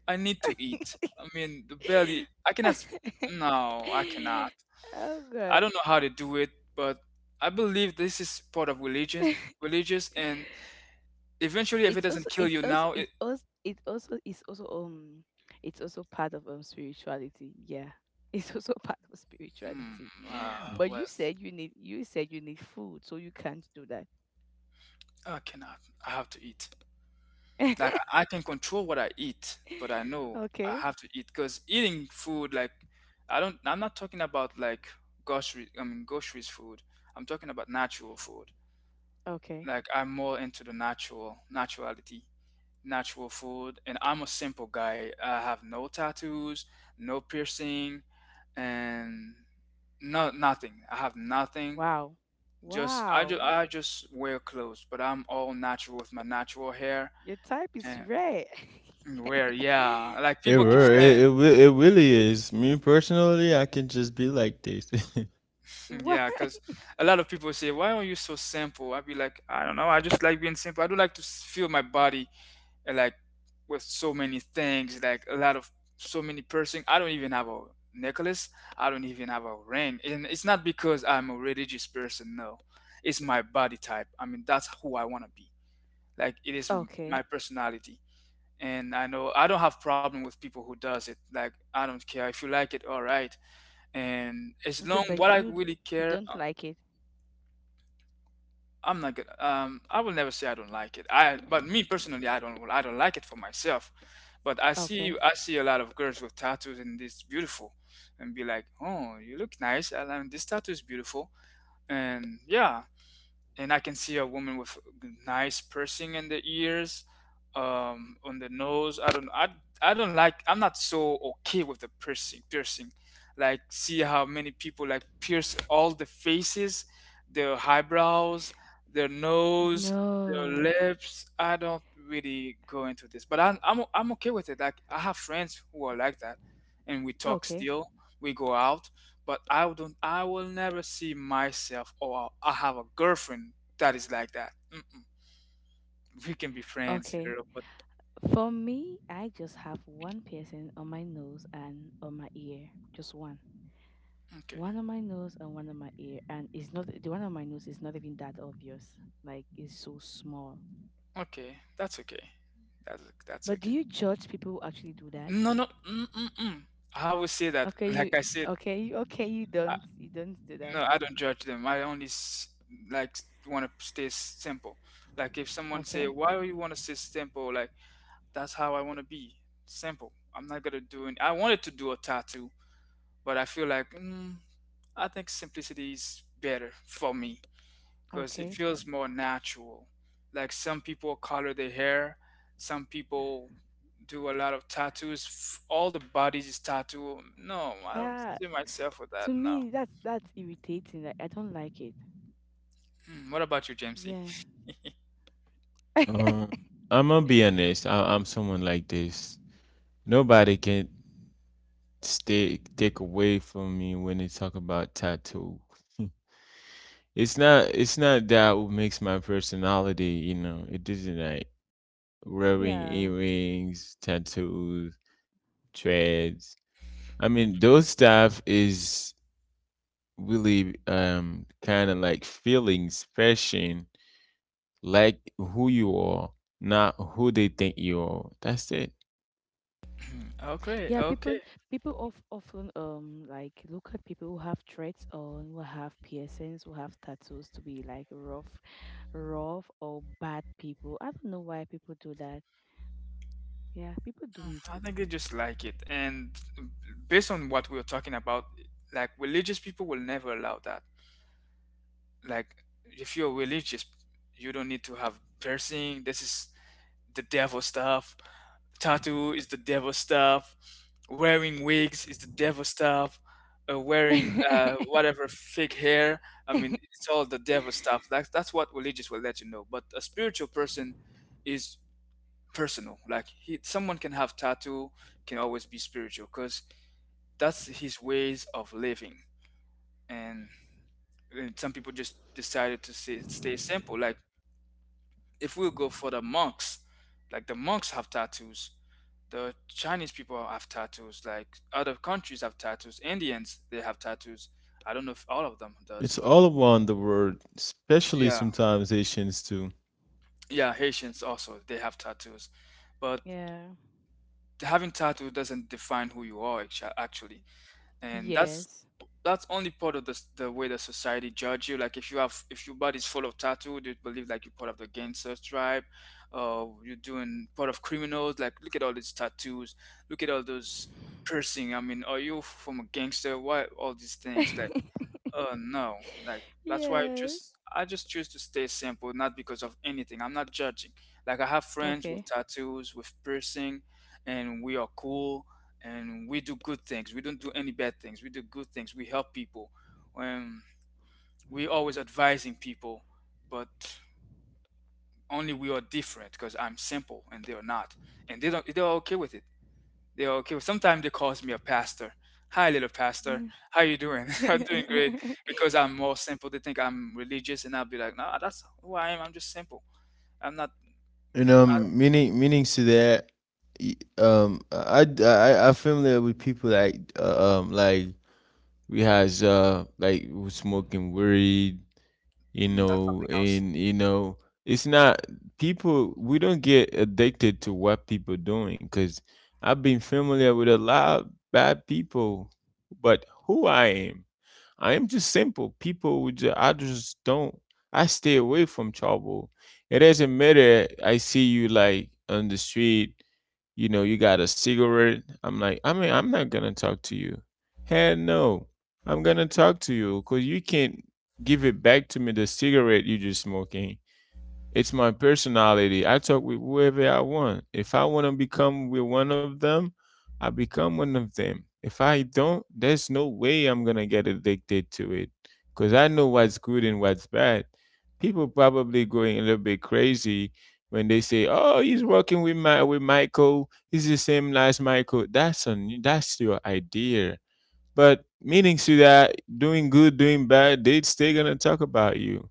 S1: I need to eat. I mean, the belly. I cannot. No, I cannot.
S2: Oh
S1: I
S2: god.
S1: don't know how to do it, but I believe this is part of religious, and eventually, if it
S2: it's also
S1: doesn't kill
S2: it's
S1: you
S2: also
S1: now, it.
S2: it's also it also it's also part of, spirituality, yeah, it's also part of
S1: Mm,
S2: spirituality.
S1: uh,
S2: But
S1: well,
S2: you said, you need you said you need food, so you can't do that.
S1: I cannot. I have to eat. Like I can control what I eat, but I know I
S2: Okay.
S1: have to eat because eating food, like I'm not talking about like grocery, I mean groceries food. I'm talking about natural food.
S2: Okay.
S1: Like I'm more into the natural, naturality, natural food, and I'm a simple guy. I have no tattoos, no piercing, and no nothing. I have nothing.
S2: Wow.
S1: Just I just
S2: Wow,
S1: I just wear clothes, but I'm all natural with my natural hair.
S2: your type is
S1: And
S2: rare.
S1: where, yeah, like people keep saying,
S3: It
S2: Yeah.
S3: it it really is. Me personally, I can just be like this.
S2: Why?
S1: yeah, because a lot of people say, "Why are you so simple?" I'd be like, I don't know, I just like being simple. I do like to feel my body, like with so many things, like a lot of so many piercing. I don't even have a necklace. I don't even have a ring, and it's not because I'm a religious person. No, it's my body type. I mean, that's who I want to be. Like it is
S2: Okay.
S1: my personality, and I know I don't have problem with people who does it. Like I don't care if you like it, all right. And
S2: Okay,
S1: as long
S2: but
S1: what I really
S2: you don't
S1: care,
S2: like it.
S1: I'm not gonna. I will never say I don't like it. But me personally, I don't. I don't like it for myself. But I
S2: Okay.
S1: see, I see a lot of girls with tattoos, and this beautiful, and be like, oh, you look nice. And this tattoo is beautiful, and yeah, and I can see a woman with nice piercing in the ears, on the nose. I don't like. I'm not so okay with the piercing. Piercing, like see how many people like pierce all the faces, their eyebrows, their nose,
S2: No.
S1: their lips. I don't really go into this, but I'm okay with it. Like I have friends who are like that, and we talk
S2: Okay.
S1: still. We go out but I don't. I will never see myself or I have a girlfriend that is like that. Mm-mm. We can be friends,
S2: Okay.
S1: girl, but
S2: For me, I just have one piercing on my nose and on my ear. Just one.
S1: okay,
S2: One on my nose and one on my ear. And it's not, the one on my nose is not even that obvious. Like it's so small.
S1: okay, that's okay. That's
S2: But do
S1: okay.
S2: you judge people who actually do that?
S1: No, no. Mm-mm-mm. I will say that.
S2: Okay,
S1: Like
S2: you
S1: I said,
S2: okay, you okay, you don't do
S1: no,
S2: that.
S1: I don't judge them. I only like want to stay simple. Like if someone say,
S2: Okay.
S1: "Why you want to stay simple?" Like that's how I want to be. Simple. I'm not gonna do it. I wanted to do a tattoo, but I feel like I think simplicity is better for me because it
S2: Okay.
S1: feels more natural. Like some people color their hair, some people do a lot of tattoos. All the bodies is tattoo. No, I don't
S2: Yeah,
S1: see myself with that.
S2: to
S1: No.
S2: me, that's irritating. Like, I don't like it.
S1: Hmm, what about you, Jamesy?
S2: Yeah.
S3: Um, I'm gonna be honest. I'm someone like this. Nobody can stay take away from me when they talk about tattoo. It's not that what makes my personality, you know. It isn't like wearing
S2: Yeah.
S3: earrings, tattoos, treads. I mean, those stuff is really kind of like feelings, fashion, like who you are, not who they think you are. That's it.
S1: Okay,
S2: Yeah,
S1: okay.
S2: people of, often, like look at people who have threads on, who have piercings, who have tattoos to be like rough, rough or bad people. I don't know why people do that. Yeah, people do it.
S1: Mm, I think they just like it, and based on what we were talking about, like religious people will never allow that. Like, if you're religious, you don't need to have piercing. This is the devil stuff. Tattoo is the devil stuff. Wearing wigs is the devil stuff. Wearing whatever fake hair, I mean, it's all the devil stuff. That's what religious will let you know. But a spiritual person is personal. Like someone can have tattoo, can always be spiritual because that's his ways of living. And and some people just decided to stay simple. Like if we'll go for the monks, like the monks have tattoos, the Chinese people have tattoos, like other countries have tattoos, Indians they have tattoos. I don't know if all of them does,
S3: It's
S1: but
S3: all around the world, especially
S1: yeah,
S3: sometimes Asians too.
S1: yeah, Haitians also they have tattoos, but
S2: Yeah.
S1: having tattoo doesn't define who you are actually. And that's
S2: Yes.
S1: that's only part of the way the society judge you. Like if your body's full of tattoo, they believe like you're part of the gangster tribe. You're doing part of criminals. Like look at all these tattoos. Look at all those piercing. I mean, are you from a gangster? Why all these things? Like no, like that's why I
S2: Yes.
S1: just I just choose to stay simple, not because of anything. I'm not judging. Like I have friends with
S2: Okay.
S1: tattoos, with piercing, and we are cool and we do good things. We don't do any bad things. We do good things. We help people. Um, we always advising people, but only we are different because I'm simple and they are not, and they don't. They're okay with it. They okay. Sometimes they calls me a pastor. Hi, little pastor. How you doing? I'm doing great because I'm more simple. They think I'm religious, and I'll be like, no, that's who I am. I'm just simple. I'm not,
S3: And
S1: because I,
S3: meaning meanings to that, I familiar with people like we has like who smoking weed, you
S1: that's
S3: know,
S1: something else.
S3: and you know it's not people. We don't get addicted to what people doing because I've been familiar with a lot of bad people, but who I am. I am just simple. People, I just don't. I stay away from trouble. It doesn't matter. I see you like on the street. You know, you got a cigarette. I'm like, I mean, I'm not gonna talk to you. Hell no, I'm gonna talk to you because you can't give it back to me the cigarette you just smoking. It's my personality. I talk with whoever I want. If I want to become with one of them, I become one of them. If I don't, there's no way I'm going to get addicted to it because I know what's good and what's bad. People probably going a little bit crazy when they say, "Oh, he's working with my with Michael. He's the same as Michael." That's on that's your idea. But meaning to that, doing good, doing bad, they still gonna talk about you.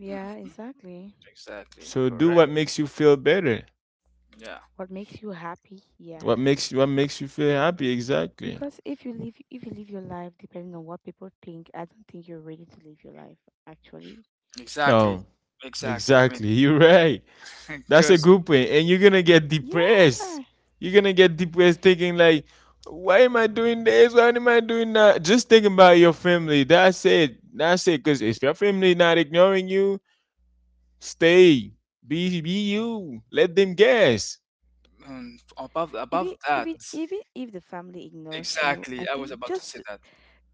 S2: Yeah,
S1: Hmm.
S2: exactly.
S1: Exactly.
S3: So do
S1: Correct.
S3: what makes you feel better.
S1: Yeah.
S2: What makes you happy? Yeah.
S3: What makes you feel happy? Exactly.
S2: Because if you live your life depending on what people think, I don't think you're ready to live your life actually.
S1: Exactly.
S3: No,
S1: Exactly. I mean,
S3: exactly. You're right. That's a
S1: because
S3: good point. And you're gonna get
S2: Yeah.
S3: depressed. You're gonna get depressed thinking like, why am I doing this? Why am I doing that? Just think about your family. That's it. That's it. Cause if your family not ignoring you, stay. Be you. Let them guess.
S1: above
S2: Even
S1: above that,
S2: even even if the family ignores you,
S1: exactly.
S2: I
S1: I was
S2: think
S1: about to say
S2: just
S1: that.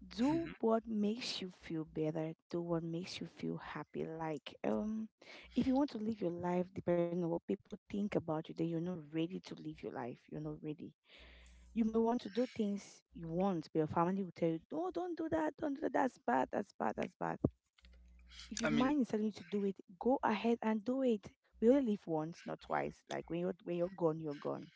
S2: do
S1: Hmm.
S2: what makes you feel better, do what makes you feel happy. Like, if you want to live your life depending on what people think about you, then you're not ready to live your life. You're not ready. You might want to do things you want, but your family will tell you, no, don't do that, that's bad, that's bad, that's bad. If your
S1: I mean,
S2: mind is telling you to do it, go ahead and do it. We only live once, not twice. Like when you're gone, you're gone.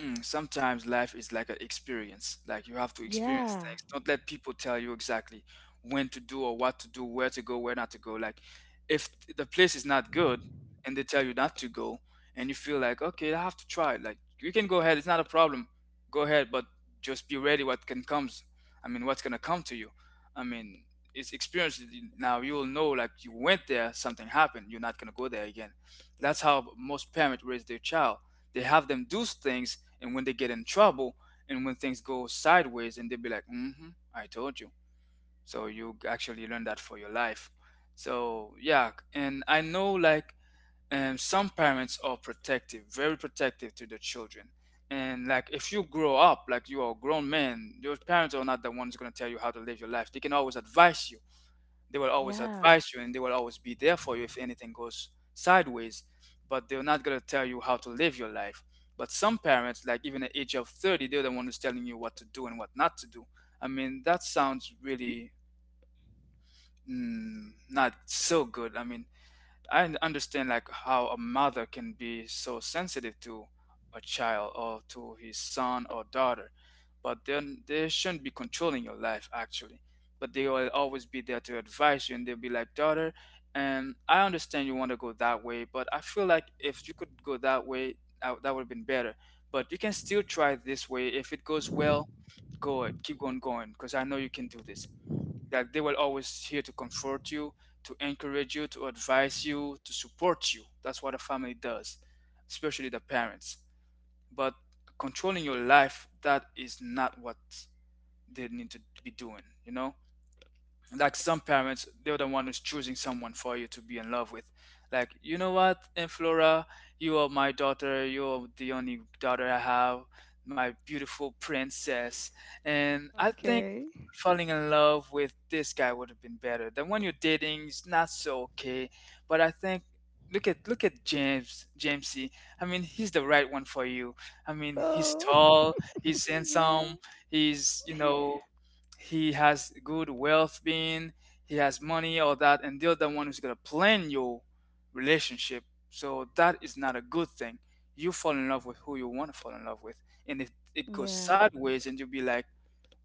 S1: Mm, sometimes life is like an experience. Like you have to experience
S2: Yeah,
S1: things. Don't let people tell you exactly when to do or what to do, where to go, where not to go. Like if the place is not good and they tell you not to go and you feel like, okay, I have to try it. Like you can go ahead, it's not a problem. Go ahead, but just be ready what can comes. I mean, what's gonna come to you? I mean, it's experience now you will know, like, you went there, something happened, you're not gonna go there again. That's how most parents raise their child, they have them do things, and when they get in trouble, and when things go sideways, and they be like, "Mm-hmm, I told you." So you actually learn that for your life. So yeah, and I know, like, some parents are protective, very protective to their children. And like if you grow up, like you are a grown man, your parents are not the ones gonna tell you how to live your life. They can always advise you. They will always
S2: yeah.
S1: advise you and they will always be there for you if anything goes sideways, but they're not going to tell you how to live your life. But some parents, like even at the age of 30, they're the one who's telling you what to do and what not to do. I mean, that sounds really not so good. I mean, I understand, like, how a mother can be so sensitive to a child or to his son or daughter, but then they shouldn't be controlling your life actually. But they will always be there to advise you, and they'll be like, daughter, and I understand you want to go that way, but I feel like if you could go that way, that would have been better. But you can still try this way. If it goes well, go it. Keep on going, because I know you can do this, that they were always here to comfort you, to encourage you, to advise you, to support you. That's what a family does, especially the parents. But controlling your life, that is not what they need to be doing, you know? Like some parents, they're the one who's choosing someone for you to be in love with, like, you know what, and flora, you are my daughter, you're the only daughter I have, my beautiful princess, and I think
S2: Okay.
S1: falling in love with this guy would have been better. The one you're dating is not so okay, but I think, look at James, Jamesy. I mean, he's the right one for you. I mean, he's
S2: Oh,
S1: tall, he's
S2: yeah.
S1: handsome, he's you know he has good wealth being, he has money, all that, and they're the other one who's gonna plan your relationship. So that is not a good thing. You fall in love with who you want to fall in love with, and if it goes
S2: Yeah.
S1: sideways, and you'll be like,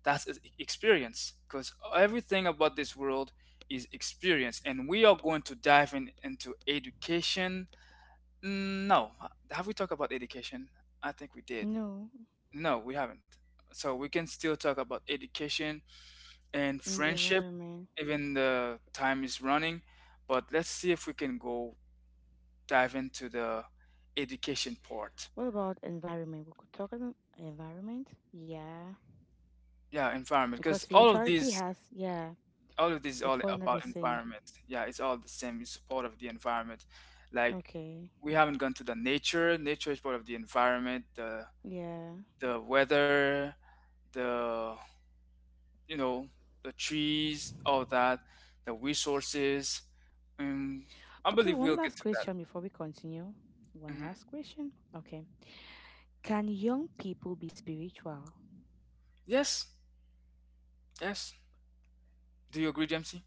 S1: "That's experience," because everything about this world is experience, and we are going to dive in into education. No, have we talked about education? I think we did.
S2: No,
S1: No, we haven't. So we can still talk about education and
S2: in the
S1: friendship,
S2: environment.
S1: even the time is running. But let's see if we can go dive into the education part.
S2: What about environment? We could talk about environment. Yeah.
S1: Yeah, environment,
S2: Because
S1: because all of
S2: spirituality
S1: these,
S2: has, yeah, they
S1: all
S2: fall under the
S1: about
S2: same.
S1: environment. Yeah, it's all the same. It's part of the environment. Like
S2: Okay.
S1: we haven't gone to the nature. Nature is part of the environment. The
S2: Yeah.
S1: the weather, the you know, the trees, all that, the resources. Um, I
S2: Okay,
S1: believe
S2: one
S1: we'll get
S2: last
S1: to that.
S2: question before we continue. One
S1: Hmm.
S2: last question. Okay. Can young people be spiritual?
S1: Yes. Yes. Do you agree, Jamesy?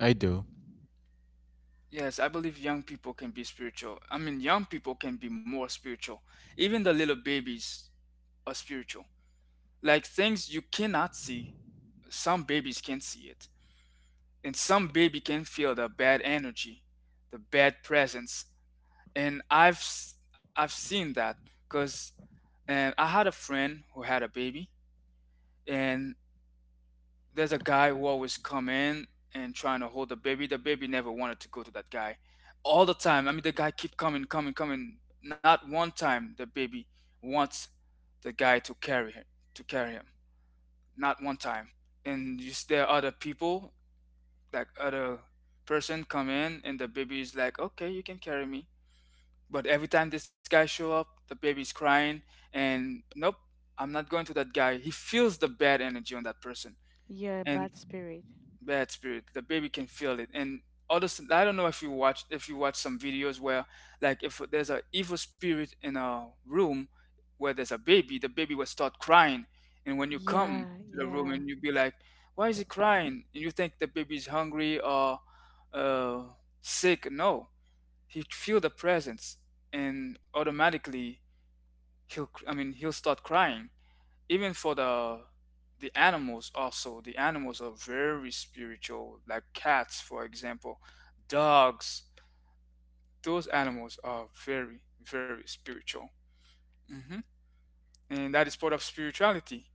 S3: I do.
S1: Yes, I believe young people can be spiritual. I mean, young people can be more spiritual. Even the little babies are spiritual. Like things you cannot see, some babies can see it. And some baby can feel the bad energy, the bad presence. And I've seen that cuz and I had a friend who had a baby and there's a guy who always come in and trying to hold the baby. The baby never wanted to go to that guy. All the time. I mean, the guy keep coming, coming, coming. Not one time the baby wants the guy to carry him, to carry him. Not one time. And there are other people, like other person come in, and the baby is like, okay, you can carry me. But every time this guy show up, the baby's crying, and nope, I'm not going to that guy. He feels the bad energy on that person,
S2: Yeah,
S1: and
S2: bad spirit.
S1: bad spirit. The baby can feel it. And other, I don't know if you watch some videos where like if there's a evil spirit in a room where there's a baby, the baby will start crying. And when you come
S2: Yeah,
S1: to the room
S2: yeah,
S1: and you be like, why is he crying? And you think the baby's hungry or uh, sick. No, he feel the presence and automatically he'll I mean he'll start crying even for the animals, also the animals are very spiritual, like cats for example, dogs, those animals are very very spiritual. Hmm. And that is part of spirituality,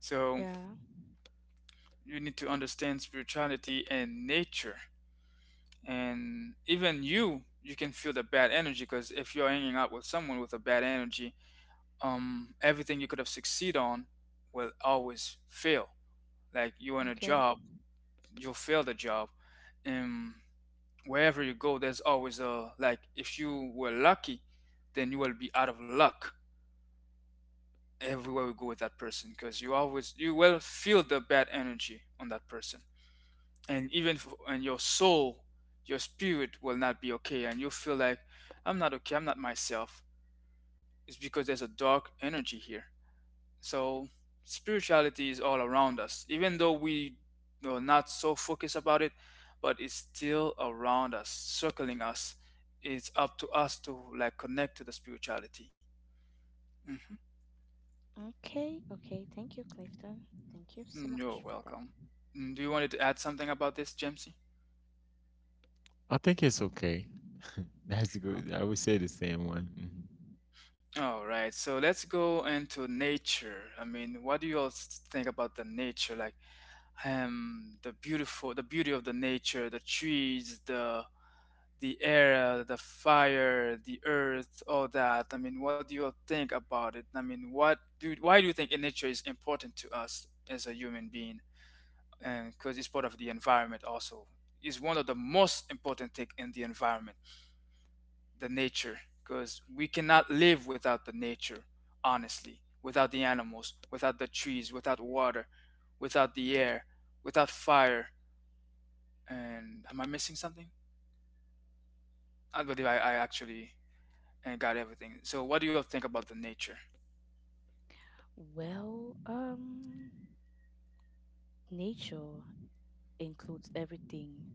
S1: so
S2: yeah.
S1: you need to understand spirituality and nature. And even you can feel the bad energy, because if you're hanging out with someone with a bad energy, everything you could have succeed on will always fail, like you in a
S2: Okay.
S1: job, you'll fail the job. um, wherever you go, there's always a like if you were lucky, then you will be out of luck everywhere you go with that person, because you will feel the bad energy on that person, and even f and your soul, your spirit will not be okay, and you feel like I'm not okay, I'm not myself. It's because there's a dark energy here. So spirituality is all around us, even though we are not so focused about it, but it's still around us, circling us. It's up to us to like connect to the spirituality. Hmm.
S2: Okay, okay. Thank you, Clifton. Thank you so
S1: You're
S2: much for that.
S1: welcome. Do you wanted to add something about this, Jamesy?
S3: I think it's okay. That's good. I would say the same one. Mhm.
S1: All right, so let's go into nature. I mean, what do think about the nature? Like, the beautiful, the beauty of the nature, the trees, the air, the fire, the earth, all that. I mean, what do you think about it? I mean, what do why do you think in nature is important to us as a human being? And because it's part of the environment also. It's one of the most important thing in the environment, the nature, because we cannot live without the nature, honestly, without the animals, without the trees, without water, without the air, without fire. And am I missing something? I believe I actually and got everything. So, what do you all think about the nature?
S2: Well, nature includes everything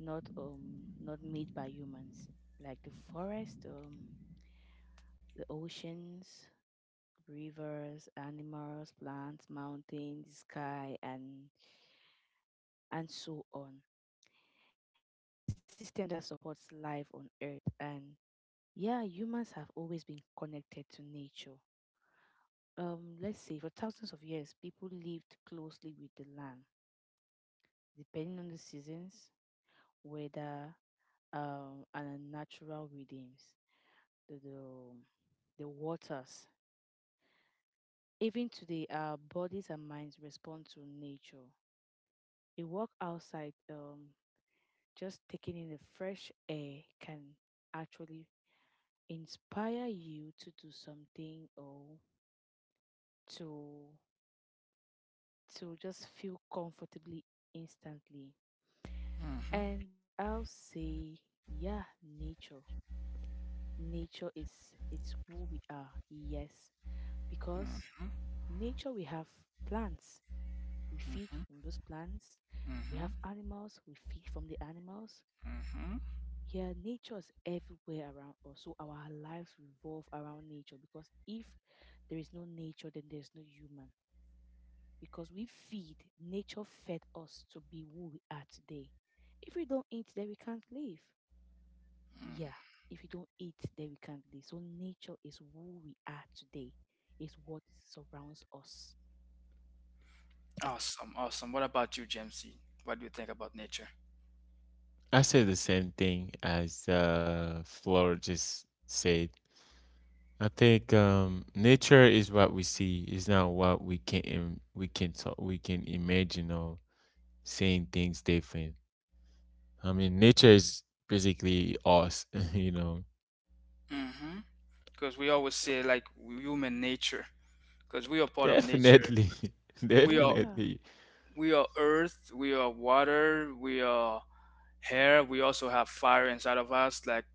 S2: not, not made by humans, like the forest, the oceans, rivers, animals, plants, mountains, sky and so on. It's the system that supports life on earth. And yeah, humans have always been connected to nature. Let's say for thousands of years people lived closely with the land, depending on the seasons, weather, and natural rhythms, the the, um, the waters. Even today, our bodies and minds respond to nature. A walk outside, just taking in the fresh air, can actually inspire you to do something, or to to just feel comfortably instantly.
S1: Mhm,
S2: And I'll say, yeah, nature. Nature is, it's who we are. Yes, because
S1: mhm,
S2: nature, we have plants, we feed
S1: mhm,
S2: from those plants. We have
S1: mhm,
S2: animals, we feed from the animals.
S1: mhm,
S2: Yeah, nature is everywhere around us. So our lives revolve around nature, because if there is no nature, then there's no human. Because we feed, nature fed us to be who we are today. If we don't eat, then we can't live. Yeah,
S1: mhm.
S2: if we don't eat, then we can't live. So nature is who we are today, is what surrounds us.
S1: Awesome, awesome. What about you, Jamesy? What do you think about nature?
S3: I say the same thing as Flora just said. I think nature is what we see. It's not what we can we can talk, we can imagine or seeing things different. I mean, nature is basically us, you know.
S1: Mm-hmm. Because we always say like human nature, because we are part of nature.
S3: Definitely,
S1: We are
S2: Yeah,
S3: definitely.
S1: we are earth, we are water, we are air. We also have fire inside of us. Like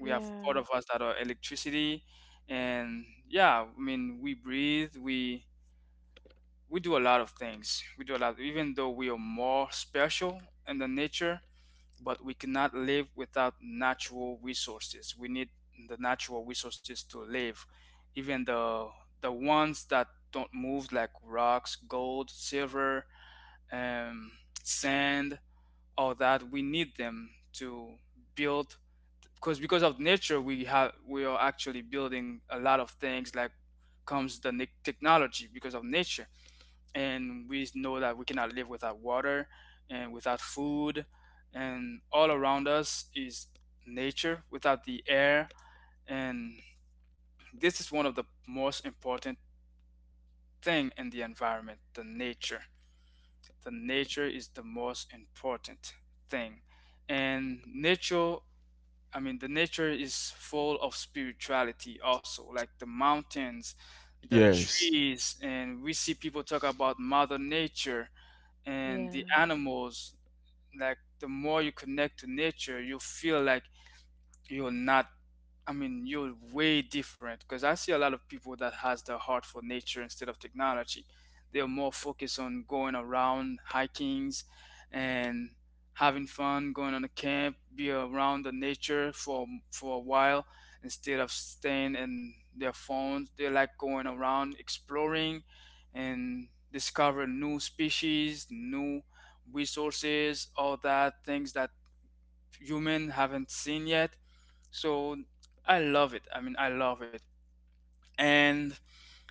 S1: we have part
S2: yeah,
S1: of us that are electricity, and yeah, I mean we breathe. We do a lot of things. We do a lot, even though we are more special in the nature, but we cannot live without natural resources. We need the natural resources to live, even the ones that don't move, like rocks, gold, silver, um, sand, all that. We need them to build, because of nature, we are actually building a lot of things. Like comes the technology because of nature, and we know that we cannot live without water and without food, and all around us is nature, without the air. And this is one of the most important thing in the environment, the nature. The nature is the most important thing. And nature, I mean the nature is full of spirituality also, like the mountains, the
S3: Yes.
S1: trees, and we see people talk about mother nature and the
S2: yeah,
S1: animals. Like, the more you connect to nature, you feel like you're not I mean, you're way different, because I see a lot of people that has the heart for nature instead of technology. They're more focused on going around hikings and having fun, going on a camp, be around the nature for a while, instead of staying in their phones. They like going around exploring and discover new species, new resources, all that things that human haven't seen yet. So I love it. I mean, I love it. And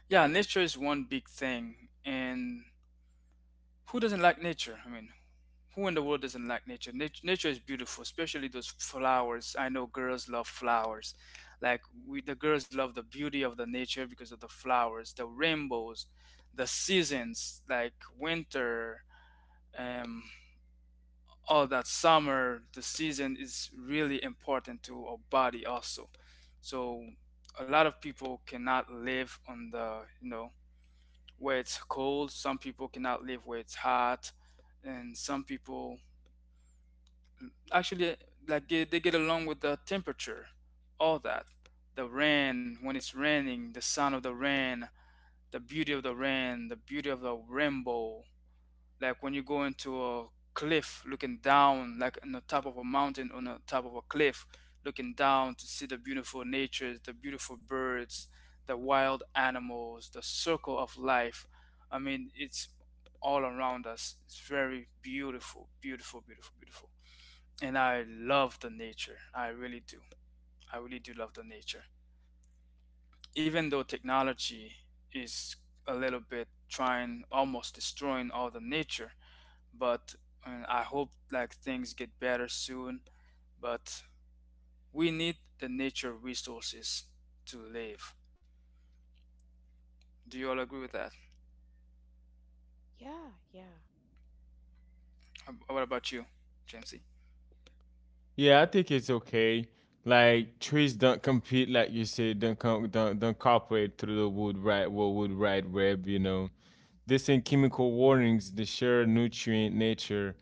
S1: yeah, nature is one big thing. And who doesn't like nature? I mean, who in the world doesn't like nature? Nature is beautiful, especially those flowers. I know girls love flowers. Like the girls love the beauty of the nature because of the flowers, the rainbows, the seasons, like winter, um, all that, summer. The season is really important to our body also, so a lot of people cannot live on the where it's cold, some people cannot live where it's hot, and some people actually like they get along with the temperature, all that, the rain, when it's raining, the sound of the rain, the beauty of the rain, the beauty of the rainbow, like when you go into a cliff looking down, like on the top of a mountain, on the top of a cliff, looking down to see the beautiful nature, the beautiful birds, the wild animals, the circle of life. I mean, it's all around us. It's very beautiful, beautiful, beautiful, beautiful. And I love the nature, I really do. I really do love the nature, even though technology is a little bit trying, almost destroying all the nature, but and I hope like things get better soon. But we need the nature resources to live. Do you all agree with that?
S2: yeah, yeah,
S1: What about you, Jamesy?
S3: Yeah, I think it's okay. Like trees don't compete, like you said, don't com- don't cooperate through the wood right, what wood right web, you know. They send chemical warnings, they share nutrient nature,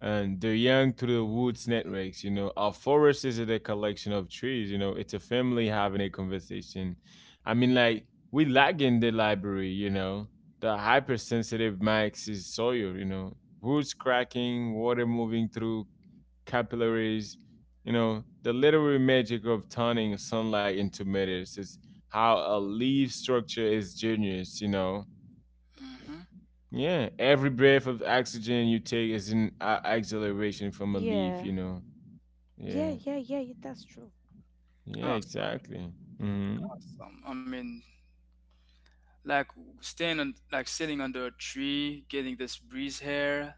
S3: and they're young through the woods networks. You know, our forest isn't a collection of trees, you know, it's a family having a conversation. I mean, like, we lag in the library, you know. The hypersensitive max is soil, you know. Roots cracking, water moving through capillaries, you know, the literary magic of turning sunlight into meters is how a leaf structure is genius, you know.
S1: Mm-hmm.
S3: Yeah, every breath of oxygen you take is an acceleration from a leaf,
S2: yeah,
S3: you know. Yeah,
S2: yeah. Yeah, that's true.
S3: yeah,
S1: Awesome,
S3: exactly. Hmm.
S1: awesome. I mean, like staying on, like sitting under a tree, getting this breeze here.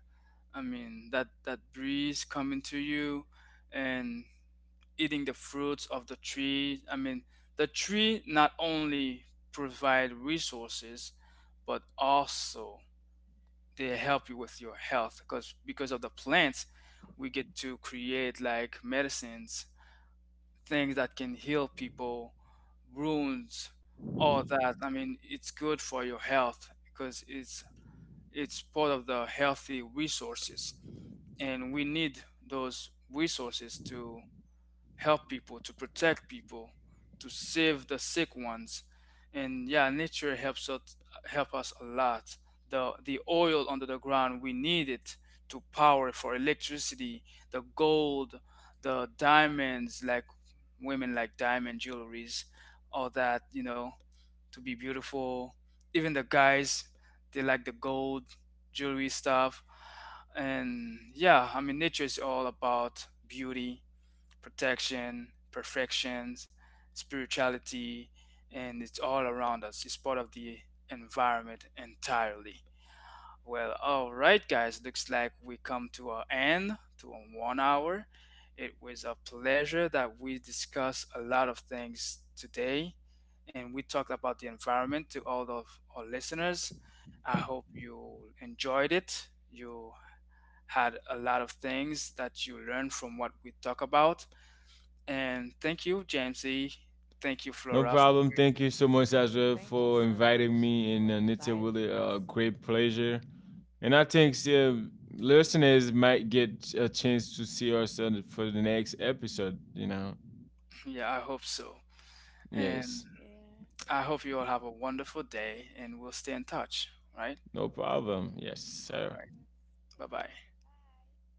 S1: I mean, that breeze coming to you, and eating the fruits of the tree. I mean, the tree not only provide resources, but also they help you with your health, because of the plants, we get to create like medicines, things that can heal people, wounds, all that. I mean, it's good for your health because it's part of the healthy resources, and we need those resources to help people, to protect people, to save the sick ones. And yeah, nature helps us, help us a lot. The oil under the ground, we need it to power for electricity, the gold, the diamonds, like women like diamond jewelries, all that, you know, to be beautiful. Even the guys, they like the gold jewelry stuff. And yeah, I mean nature is all about beauty, protection, perfections, spirituality, and it's all around us. It's part of the environment entirely. Well, all right, guys. Looks like we come to our end to a 1 hour. It was a pleasure that we discussed a lot of things today, and we talked about the environment to all of our listeners. I hope you enjoyed it. You had a lot of things that you learned from what we talk about. And thank you, Jamesy. Thank you,
S3: No
S1: Flora. For,
S3: problem. Thank you so much, Azra,
S2: Thank you
S3: for
S2: so
S3: inviting
S2: much
S3: me,
S2: for
S3: and it's a
S2: inviting
S3: really
S2: us here.
S3: great pleasure. And I think listeners might get a chance to see us for the next episode, you know.
S1: yeah, I hope so. And
S3: Yes,
S2: Yeah.
S1: I hope you all have a wonderful day and we'll stay in touch, right?
S3: no problem.
S2: Okay.
S3: Yes,
S2: No
S1: All
S3: sir.
S1: right.
S2: problem.
S1: Bye
S2: Thank you.
S1: bye.
S2: Bye bye.